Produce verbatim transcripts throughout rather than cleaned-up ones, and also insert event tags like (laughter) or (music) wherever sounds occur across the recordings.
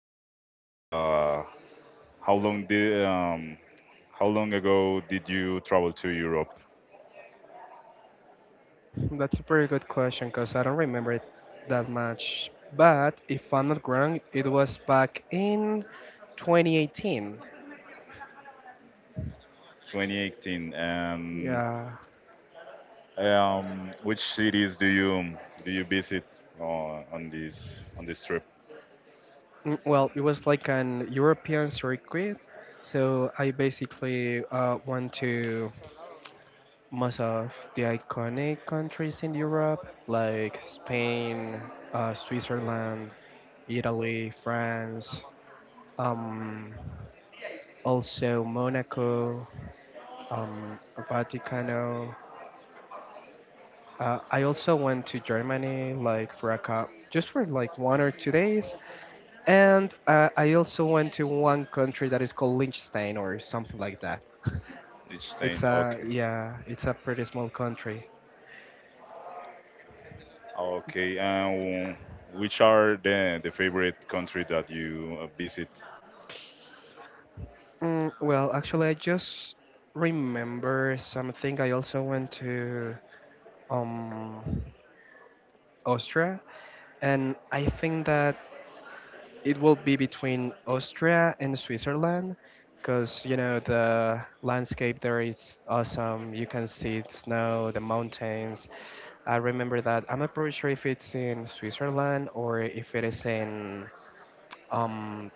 about uh, how long did um, how long ago did you travel to Europe? Hmm, that's a pretty good question because I don't remember it that much. But if I'm not wrong, it was back in twenty eighteen. twenty eighteen. And Yeah. um, which cities do you do you visit uh, on this on this trip? Mm, Well, it was like an European circuit. So I basically uh, went to most of the iconic countries in Europe, like Spain, uh, Switzerland, Italy, France. Um, Also Monaco, um, Vaticano. Uh, I also went to Germany, like for a cou- just for like one or two days, and uh, I also went to one country that is called Liechtenstein or something like that. (laughs) It's Liechtenstein. a Okay. yeah, it's a pretty small country. Okay. And which are the the favorite country that you uh, visit? Mm, well, actually, I just remember something. I also went to um Austria, and I think that it will be between Austria and Switzerland because you know the landscape there is awesome. You can see the snow, the mountains. I remember that. I'm not pretty sure if it's in Switzerland or if it is in um,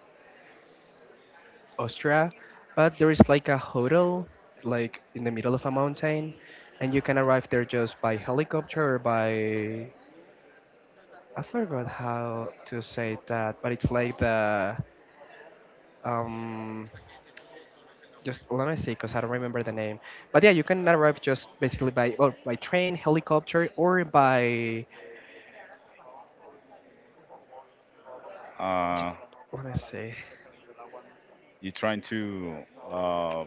Austria, but there is like a hotel like in the middle of a mountain, and you can arrive there just by helicopter or by I forgot how to say that, but it's like the um just let me see because I don't remember the name. But yeah, you can arrive just basically by well, by train, helicopter, or by j- Uh, let me see. you trying to uh,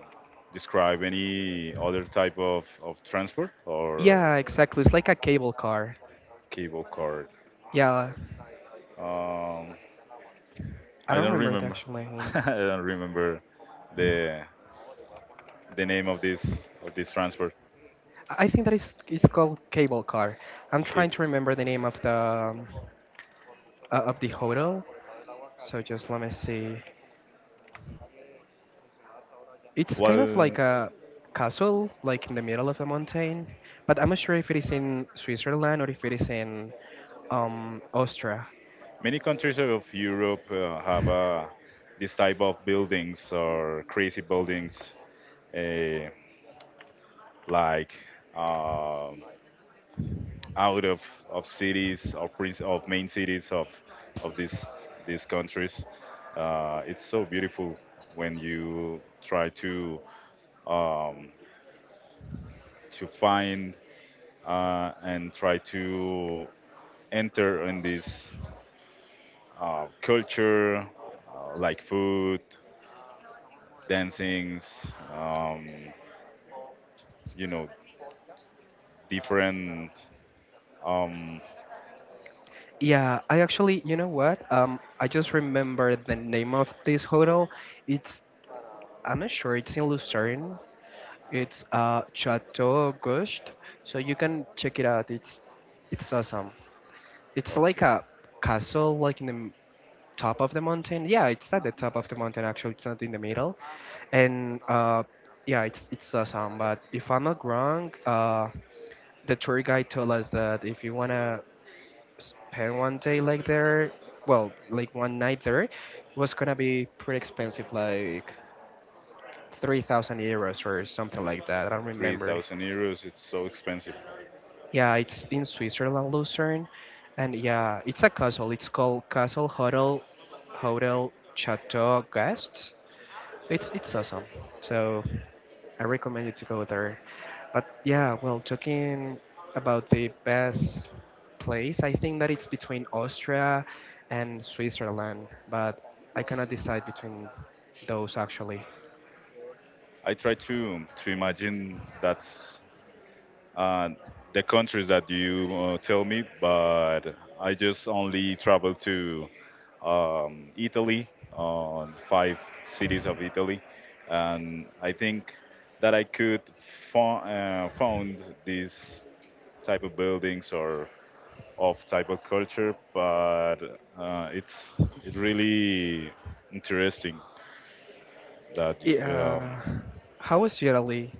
describe any other type of, of transport or Yeah, exactly. It's like a cable car. cable card? Yeah, Um, I I don't don't remember the remember. actual (laughs) name. I don't remember the the name of this of this transport I I think that is it's called cable car. I'm trying cable. to remember the name of the um, uh, of the hotel. So just let me see. It's kind of Well, like a castle, like in the middle of a mountain. But I'm not sure if it is in Switzerland or if it is in um, Austria. many countries of Europe uh, have uh, this type of buildings or crazy buildings, uh, like. um out of, of cities, of, princ- of main cities of, of these, these countries. Uh, it's so beautiful when you try to, um, to find uh, and try to enter in this uh, culture, uh, like food, dancings, um, you know, different. Um, Yeah, I actually, you know what? Um, I just remembered the name of this hotel. It's, I'm not sure, it's in Lucerne. It's uh Chateau Auguste. So you can check it out. It's it's awesome. It's like okay, a castle, like in the m- top of the mountain. Yeah, it's at the top of the mountain actually. It's not in the middle. And uh, yeah, it's it's awesome. But if I'm not wrong, uh, the tour guide told us that if you wanna spend one day like there, well, like one night there, was gonna be pretty expensive, like three thousand euros or something like that. I don't remember. three thousand euros, it's so expensive. Yeah, it's in Switzerland, Lucerne, and yeah, it's a castle. It's called Castle Hotel Hotel Chateau Guest. It's it's awesome. So I recommend you to go there. But yeah, well, talking about the best place, I think that it's between Austria and Switzerland, but I cannot decide between those actually. I try to to imagine that uh, the countries that you uh, tell me, but I just only travel to um, Italy, uh, five cities of Italy, and I think that I could fo- uh, found this type of buildings or of type of culture, but uh, it's it really interesting that um, Yeah. How was Italy?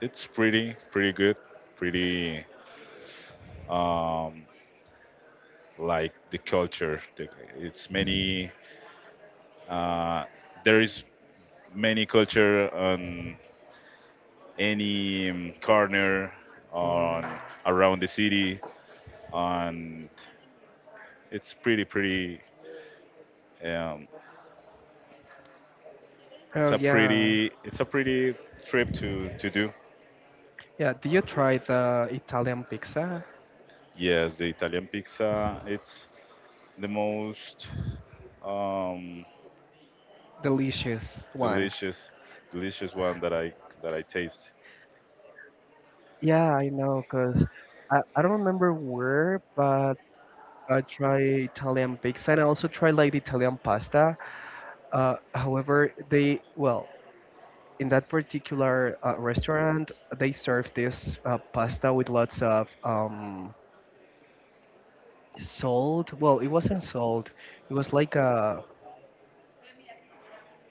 It's pretty, pretty good, pretty um, like the culture. The, it's many. Uh, there is many culture on any um, corner Mm. on around the city, and it's pretty, pretty. Um, it's Oh, a yeah. pretty, it's a pretty trip to to do. Yeah, did you try the Italian pizza? Yes, the Italian pizza. It's the most um, Delicious one. delicious, delicious one that I that I taste. Yeah, I know, 'cause I, I don't remember where, but I tried Italian pizza and I also tried like the Italian pasta. Uh, however, they, well, in that particular uh, restaurant, they served this uh, pasta with lots of um, salt. Well, it wasn't salt, it was like a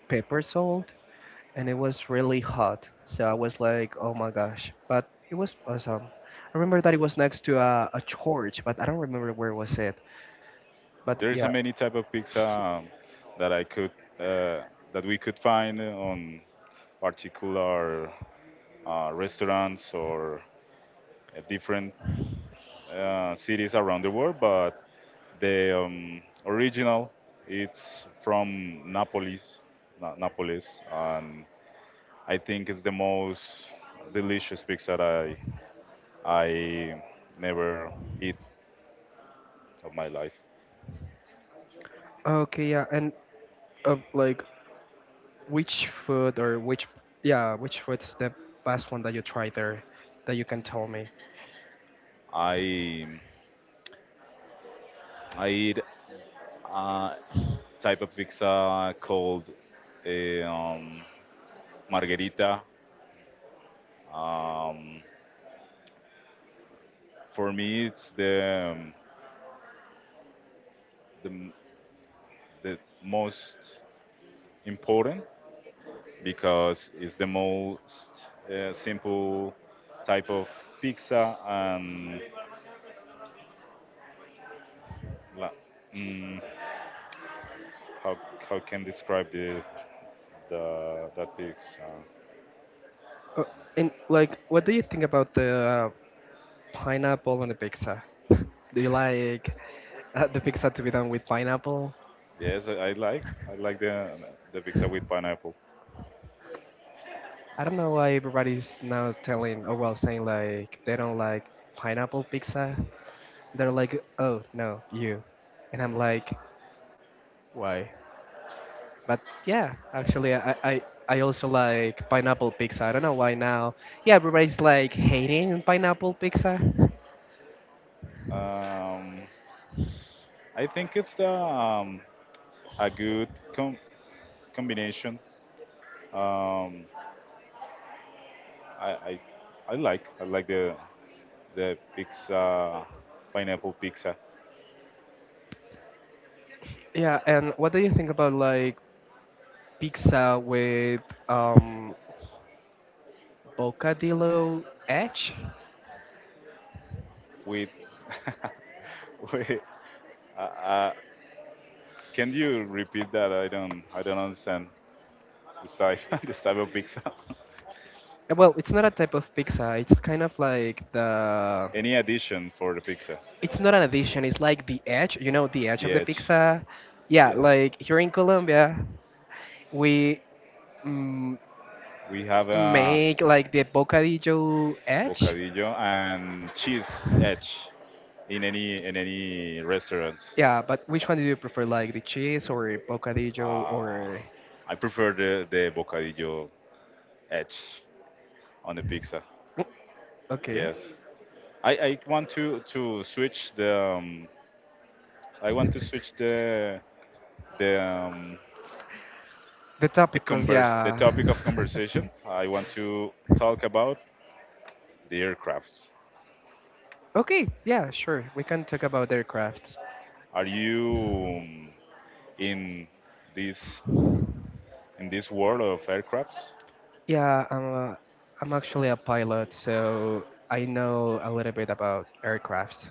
pepper salt, and it was really hot. So I was like, oh my gosh. But it was awesome. I remember that it was next to a, a church, but I don't remember where was it. But There is a yeah. many type of pizza (laughs) um, that I could uh, that we could find on particular uh, restaurants or uh, different uh, cities around the world. But the um, original it's from Naples, Na- Napolis, and I think it's the most delicious pizza that I I never eat of my life. Okay, yeah, and uh, like Which food or which yeah, which food is the best one that you tried there that you can tell me? I I eat. Uh, Type of pizza called a, um, margherita. Um, for me, it's the, um, the the most important because it's the most uh, simple type of pizza and la- mm, how how can describe this the that pizza? Uh, Uh, and like, what do you think about the uh, pineapple on the pizza? (laughs) Do you like uh, the pizza to be done with pineapple? Yes, I, I like I like the the pizza with pineapple. I don't know why everybody's now telling or well saying like they don't like pineapple pizza. They're like, oh no, you. And I'm like, why? But yeah, actually, I, I, I also like pineapple pizza. I don't know why now. Yeah, everybody's like hating pineapple pizza. Um, I think it's the um, a good com- combination. Um, I, I I like I like the the pizza pineapple pizza Yeah, and what do you think about like pizza with um bocadillo edge? with (laughs) with uh, uh, can you repeat that? I don't I don't understand this type (laughs) this type of pizza. (laughs) Uh, Well, it's not a type of pizza. It's kind of like the. Any addition for the pizza? It's not an addition. It's like the edge. You know, the edge The of the edge. pizza. Yeah, Yeah, like here in Colombia, we mm, we have a make like the bocadillo edge. bocadillo and cheese edge in any in any restaurants. Yeah, but which one do you prefer, like the cheese or bocadillo Uh, or? I prefer the, the bocadillo edge on the pizza. Mm. Okay, Yes, I, I want to to switch the um, I want to switch the the um, the the topicos. converse the Yeah. topic of conversation. I want to talk about the aircrafts. (laughs) Okay. Yeah, sure. We can talk about aircraft. Are you um, in this in this world of aircrafts? Yeah, I'm a, I'm actually a pilot, so I know a little bit about aircrafts.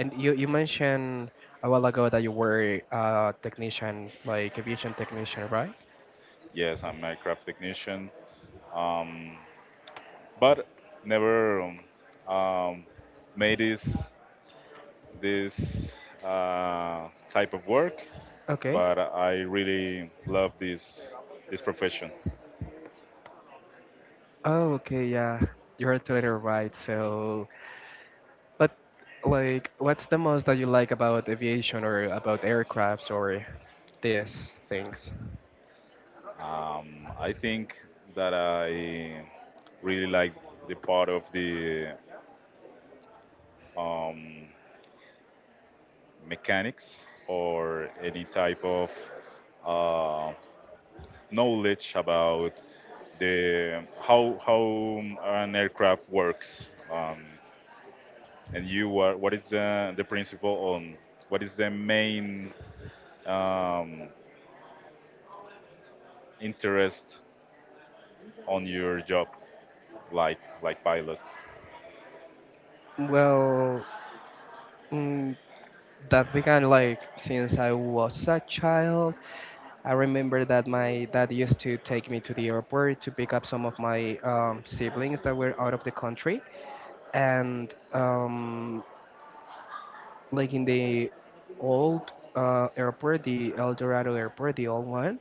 And you you mentioned a while ago that you were a technician, like aviation technician, right? Yes, I'm an aircraft technician, um, but never um, um, made this. This uh, type of work, Okay. but I really love this this profession. Oh, okay. Yeah, you're totally right. So But like, what's the most that you like about aviation or about aircrafts or these things? Um, I think that I really like the part of the um, mechanics or any type of uh, knowledge about the how how an aircraft works. Um, and you, are, what is the, the principle on what is the main um, interest on your job, like like pilot. Well, mm, that began like since I was a child. I remember that my dad used to take me to the airport to pick up some of my um, siblings that were out of the country, and um, like in the old uh, airport, the El Dorado airport, the old one.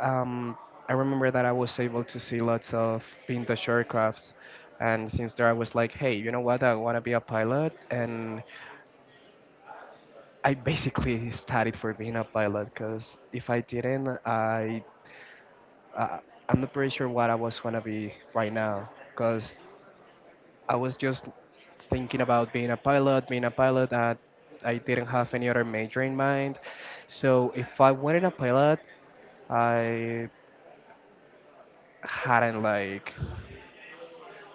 Um, I remember that I was able to see lots of vintage aircrafts, and since there I was like, hey, you know what? I want to be a pilot, and I basically studied for being a pilot because if I didn't, I uh, I'm not pretty sure what I was gonna be right now because I was just thinking about being a pilot, being a pilot. That I didn't have any other major in mind, so if I wanted a pilot, I hadn't like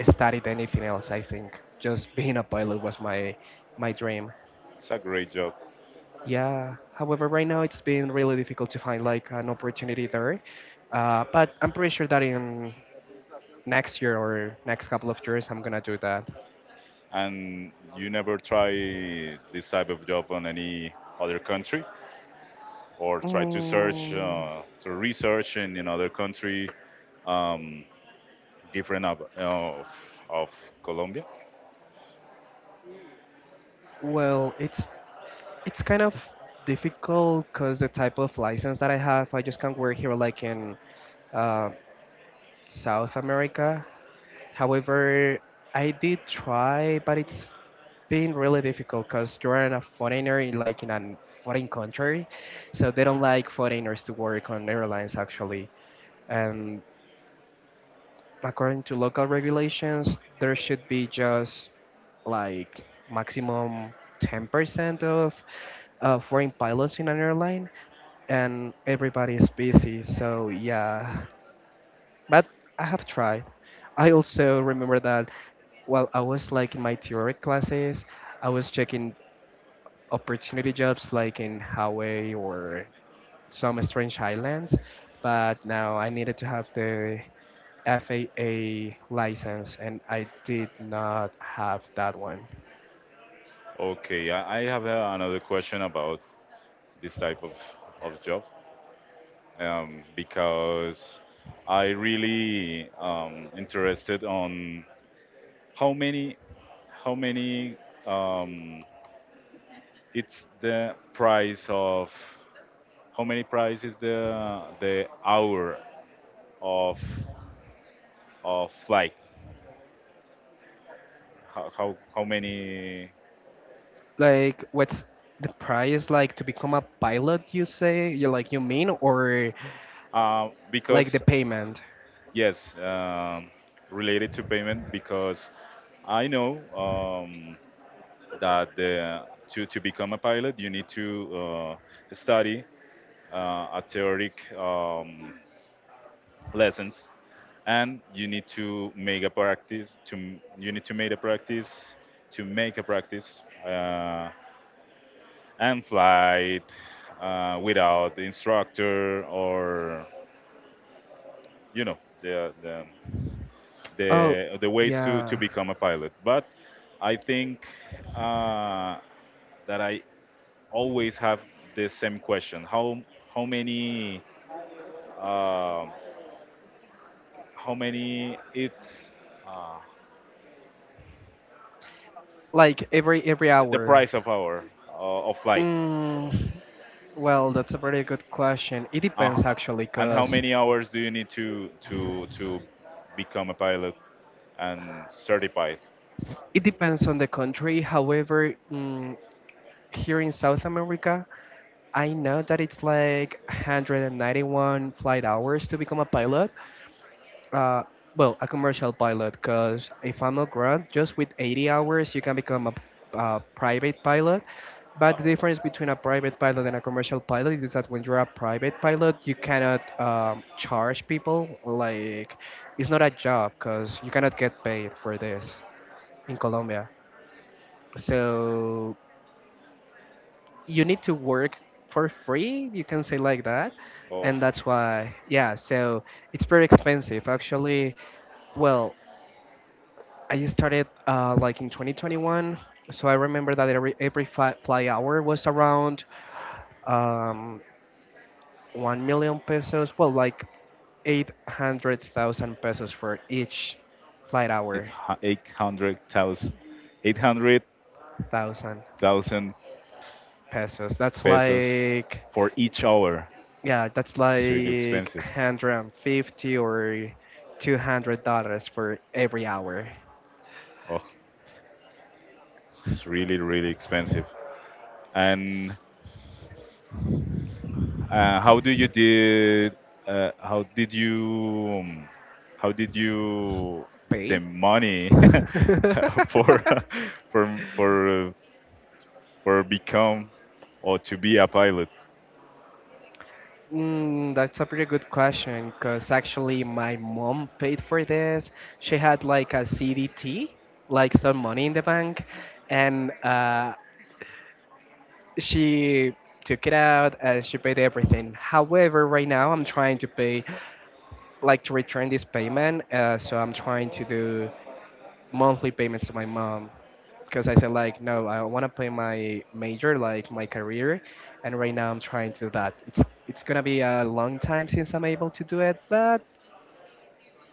studied anything else. I think just being a pilot was my my dream. It's a great job, Yeah. However, right now it's been really difficult to find like an opportunity there. Uh, but I'm pretty sure that in next year or next couple of years, I'm gonna do that. and you never try this type of job on any other country, or try to search Mm, uh, to research in another country um, different of, of of Colombia. well, it's it's kind of difficult because the type of license that I have, I just can't work here like in uh, South America. However, I did try, but it's been really difficult because you're a foreigner in like in a foreign country, so they don't like foreigners to work on airlines actually. And according to local regulations, there should be just like maximum ten percent of uh, foreign pilots in an airline, and everybody is busy. So yeah, but I have tried. I also remember that while I was like in my theory classes, I was checking opportunity jobs like in Hawaii or some strange islands, but now I needed to have the F A A license and I did not have that one. Okay, I, I have uh, another question about this type of of job um, because I really um, interested on How many? How many? Um, it's the price of how many price is the the hour of of flight? How how, how many? Like, what's the price like to become a pilot, you say? You like you mean or Uh, like the because payment? yes, um, related to payment because I know um, that the, to, to become a pilot, you need to uh, study uh, a theoretic um, lessons and you need to make a practice to you need to make a practice to make a practice uh, and fly it uh, without the instructor or you know the the Oh, the, the ways to, to yeah. become a pilot but I think uh, that I always have the same question how how many uh, how many it's uh, Like every every the hour. price of our uh, of flight Mm, well, that's a very good question. It Uh, depends h- actually, and how cause many hours do you need to to to become a pilot and certified? it depends on the country. However, mm, here in South America, I know that it's like one hundred ninety-one flight hours to become a pilot. Uh, well, a commercial pilot, because if I'm not wrong, just with eighty hours, you can become a, a private pilot. But the difference between a private pilot and a commercial pilot is that when you're a private pilot, you cannot um, charge people. Like, it's not a job because you cannot get paid for this in Colombia. So you need to work for free you can say like that, Oh, and that's why yeah. So it's very expensive actually. Well, I started uh, like in twenty twenty-one, so I remember that every every fly, fly hour was around um, one million pesos, well, like eight hundred thousand pesos for each flight it hour. eight hundred thousand, eight hundred Thousand thousand pesos that's pesos like for each hour. Yeah, that's It's really like expensive. one hundred fifty or two hundred dollars for every hour. Oh, it's really really expensive. And uh, how do you did? Uh, how did you? um, how did you the Pay? money (laughs) (laughs) for (laughs) for for for become or to be a pilot. Mm, that's a pretty good question because actually my mom paid for this. She had like a C D T, like some money in the bank, and uh, she took it out and she paid everything. However, right now I'm trying to pay, like to return this payment, uh, so I'm trying to do monthly payments to my mom because I said like no, I want to play my major, like my career, and right now I'm trying to do that. It's it's gonna be a long time since I'm able to do it, but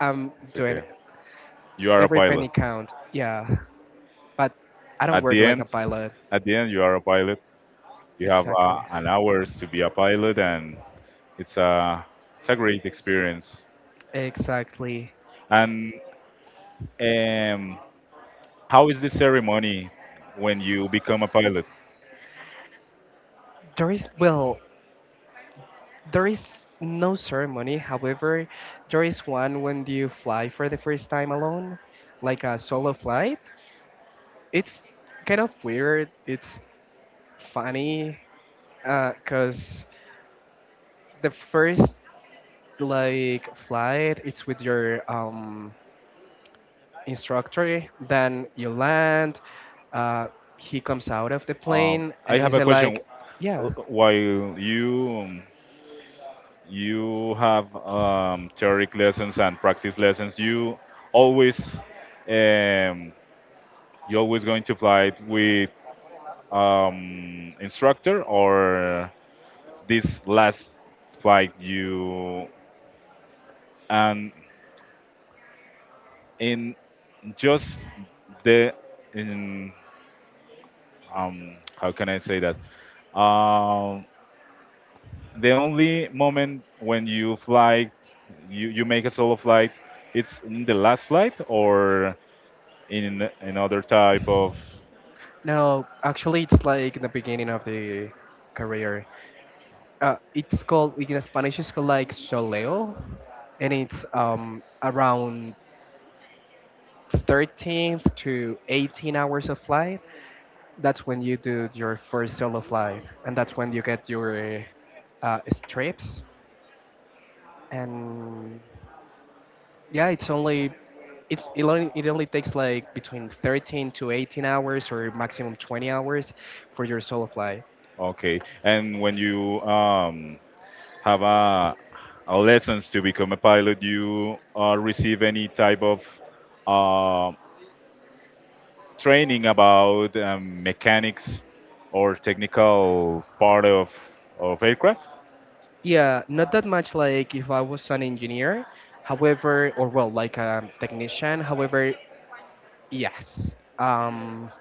I'm It's doing okay. it. You are a Every pilot. penny count. Yeah, but I don't At work the like a end, pilot. at the end, you are a pilot. You have Exactly, uh, an hours to be a pilot, and it's a it's a great experience. exactly. And um, how is the ceremony when you become a pilot? There is well, there is no ceremony. However, there is one when you fly for the first time alone, like a solo flight. It's kind of weird. It's funny because the first like flight it's with your um, instructor, then you land, uh, he comes out of the Um, plane and I he have a said question. like yeah. Uh, While you um, you have um, theoretic lessons and practice lessons, you always um, you always going to fly it with um, instructor or this last flight you and in just the in um, how can I say that um, the only moment when you fly you, you make a solo flight it's in the last flight or in another type of. No actually it's like the beginning of the career. Uh, it's called in Spanish, it's called like soleo, and it's um, around thirteenth to eighteen hours of flight. That's when you do your first solo flight, and that's when you get your uh, uh, strips. And yeah, it's only it's, it only it only takes like between thirteen to eighteen hours or maximum twenty hours for your solo flight. Okay. And when you um, have a, a lessons to become a pilot, you uh, receive any type of uh, training about um, mechanics or technical part of of aircraft. Yeah, not that much, like if I was an engineer, however, or well, like a technician. However, yes. Um,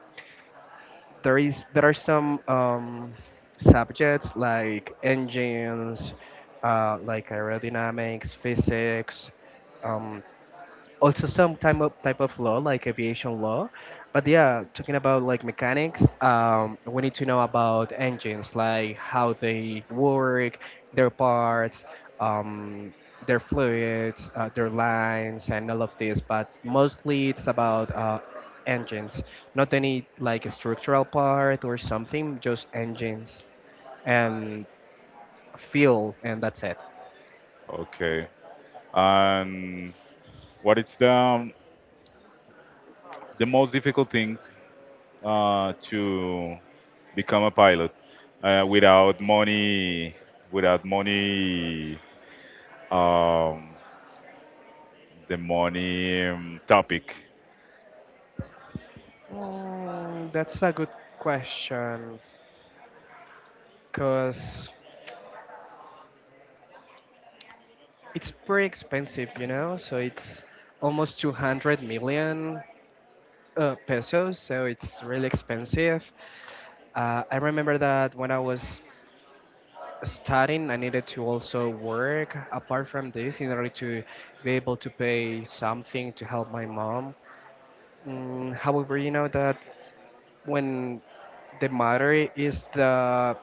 there is there are some um, subjects like engines, uh, like aerodynamics, physics, um, also some type of type of law, like aviation law. But yeah, talking about like mechanics, um, we need to know about engines, like how they work, their parts, um, their fluids, uh, their lines, and all of this. But mostly it's about uh, engines, not any like structural part or something, just engines and fuel, and that's it. Okay, and what is the um, the most difficult thing uh, to become a pilot uh, without money? Without money, um, the money um, topic Mm, that's a good question, because it's pretty expensive, you know, so it's almost two hundred million uh, pesos, so it's really expensive. Uh, I remember that when I was studying, I needed to also work apart from this in order to be able to pay something to help my mom. Mm, however, you know that when the matter is the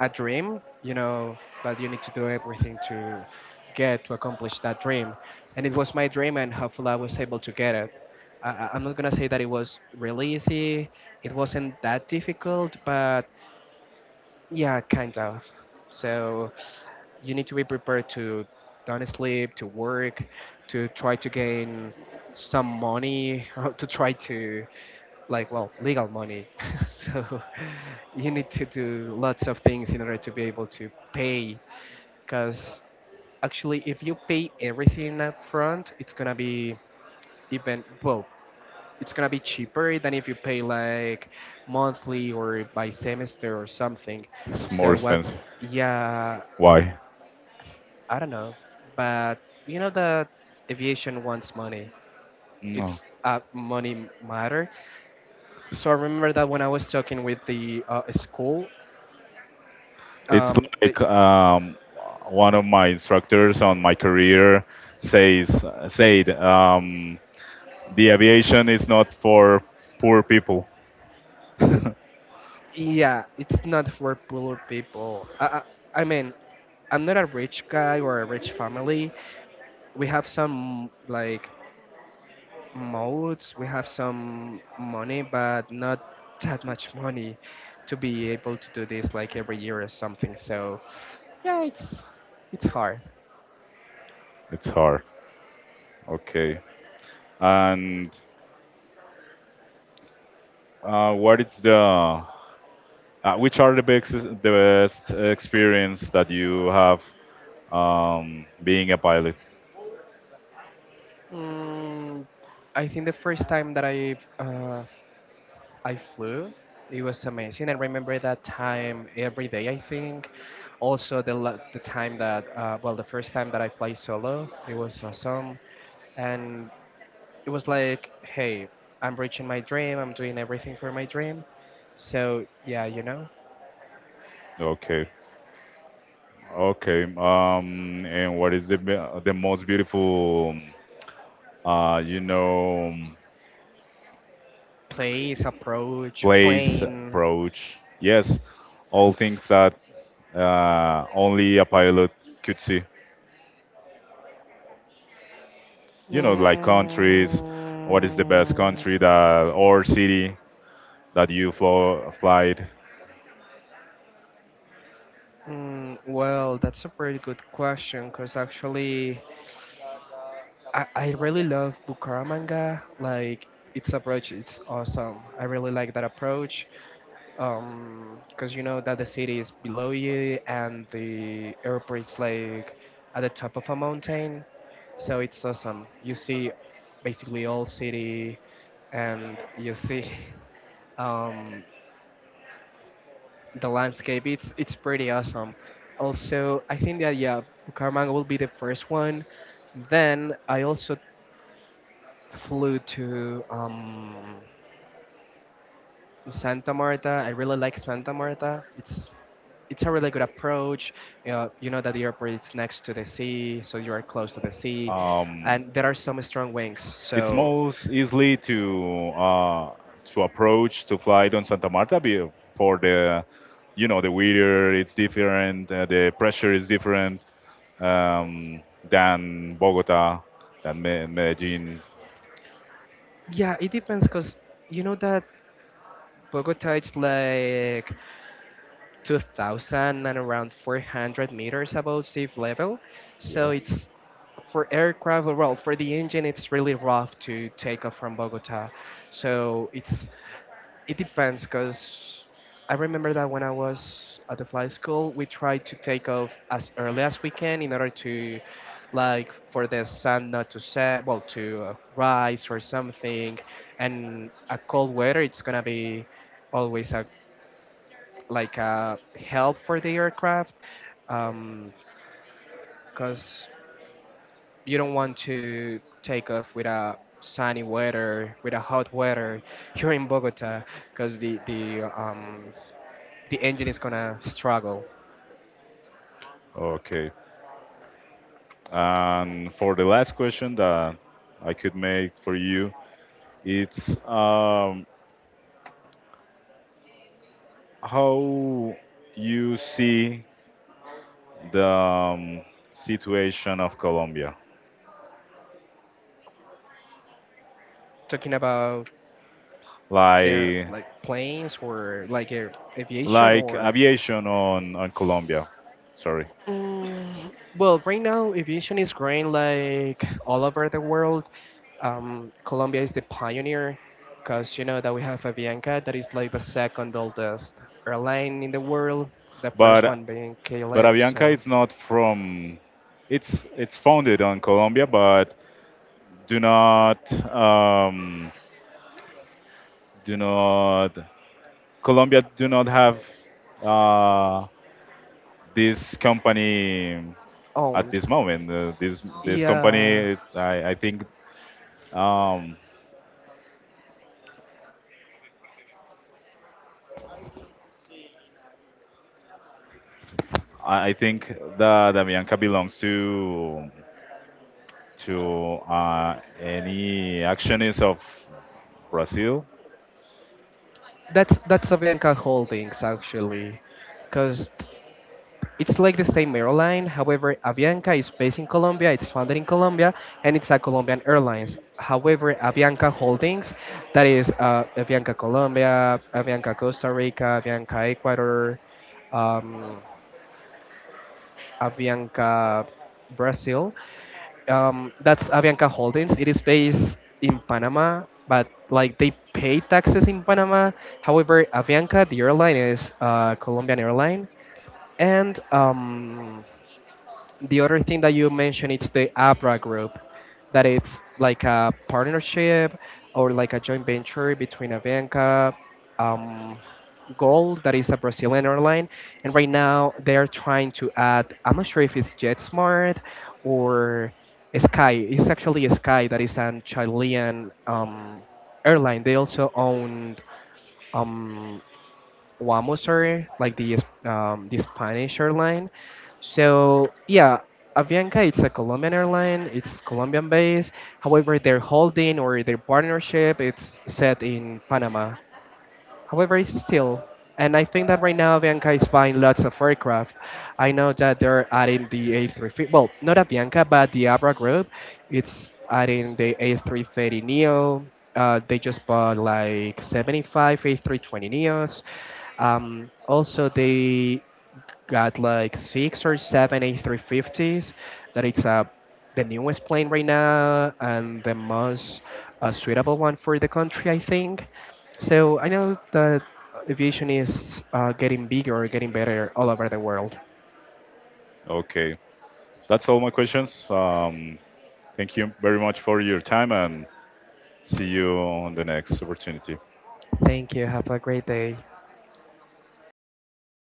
a dream, you know, that you need to do everything to get to accomplish that dream. And it was my dream, and hopefully I was able to get it. I, I- I'm not gonna say that it was really easy. It wasn't that difficult, but yeah, kind of. So you need to be prepared to don't sleep, to work, to try to gain some money, (laughs) to try to, like, well, legal money, (laughs) so (laughs) you need to do lots of things in order to be able to pay, because actually if you pay everything up front it's gonna be, even well, it's gonna be cheaper than if you pay like monthly or by semester or something. is more So what? expensive. Yeah. Why? I don't know, but you know that aviation wants money. No. It's a money matter. So I remember that when I was talking with the uh, school, It's Um, the, like um, one of my instructors on my career says said um, the aviation is not for poor people. (laughs) It's yeah, it's not for poor people. I, I, I mean, I'm not a rich guy or a rich family. We have some like modes, we have some money, but not that much money to be able to do this like every year or something. So yeah, it's it's hard. hard. Okay. And uh, what is the uh, which are the best the best experience that you have um, being a pilot? Mm, I think the first time that I've uh, I flew. It was amazing. I remember that time every day, I think. Also, the, la- the time that, uh, well, the first time that I fly solo, it was awesome. And it was like, hey, I'm reaching my dream, I'm doing everything for my dream. So, yeah, you know, Okay. Okay. Um, and what is the be- the most beautiful uh, you know, place, approach, place, plane. approach. Yes, all things that uh, only a pilot could see. Mm, You know, like countries, what is the best country that or city that you flo- flight. mm, well, that's a pretty good question because actually I, I really love Bucaramanga. Like its approach, it's awesome. I really like that approach. Um, because you know that the city is below you and the airport is like at the top of a mountain, so it's awesome. You see basically all city, and you see (laughs) um the landscape. It's it's pretty awesome. Also, I think that, yeah, Bucaramanga will be the first one. Then I also flew to um, Santa Marta. I really like Santa Marta. It's it's a really good approach. You know, you know that the airport is next to the sea, so you are close to the sea, Um, and there are some strong winds. it's So most easily to uh, to approach to fly on Santa Marta be- for the you know the weather it's different, uh, the pressure is different, um, than Bogota, than Me- Medellin. yeah, it depends, because you know that Bogota it's like two thousand and around four hundred meters above sea level. So Yeah. it's for aircraft, well, for the engine, it's really rough to take off from Bogota. So it's it depends, because I remember that when I was at the flight school, we tried to take off as early as we can, in order to, like, for the sun not to set, well, to uh, rise or something. And a cold weather, it's gonna be always a like a help for the aircraft, because you don't want to take off with a sunny weather, with a hot weather (laughs) here in Bogota, because the the um, the engine is gonna struggle. Okay. And for the last question that I could make for you, it's um, how you see the um, situation of Colombia, Talking about air, like like planes or like air aviation, like or... aviation on on Colombia. Sorry, Mm, well, right now aviation is growing like all over the world. Um, Colombia is the pioneer because you know that we have Avianca that is like the second oldest airline in the world. The first but one being but K L M, Avianca so is not from. It's it's founded on Colombia, but do not um, do not Colombia do not have uh, this company at owned. this moment. Uh, this this Yeah, company, it's, I I think um, I I think that Damianca belongs to to uh, any actionist of Brazil. that's that's Avianca Holdings, actually, because it's like the same airline. However, Avianca is based in Colombia, it's founded in Colombia, and it's a Colombian Airlines. However, Avianca Holdings, that is uh, Avianca Colombia, Avianca Costa Rica, Avianca Ecuador, um, Avianca Brazil, um, that's Avianca Holdings. It is based in Panama, but like they pay taxes in Panama. However, Avianca, the airline, is uh, Colombian airline, and um, the other thing that you mentioned is the Abra Group, that it's like a partnership or like a joint venture between Avianca, um, Gold, that is a Brazilian airline, and right now they're trying to add, I'm not sure if it's JetSmart, or Sky. It's actually Sky, that is an Chilean um, airline. They also own um, Wamos Air, like the um, the Spanish airline. So yeah, Avianca it's a Colombian airline. It's Colombian based. However, their holding or their partnership it's set in Panama. However, it's still, and I think that right now Avianca is buying lots of aircraft. I know that they're adding the A three fifty. Well, not Avianca, but the Abra Group. It's adding the A three thirty Neo. Uh, they just bought like seventy-five A three twenty Neos. Um, also, they got like six or seven A three fifties. That it's uh, the newest plane right now and the most uh, suitable one for the country, I think. So I know that aviation is uh, getting bigger, getting better all over the world. Okay, that's all my questions. Um, thank you very much for your time and see you on the next opportunity. Thank you. Have a great day.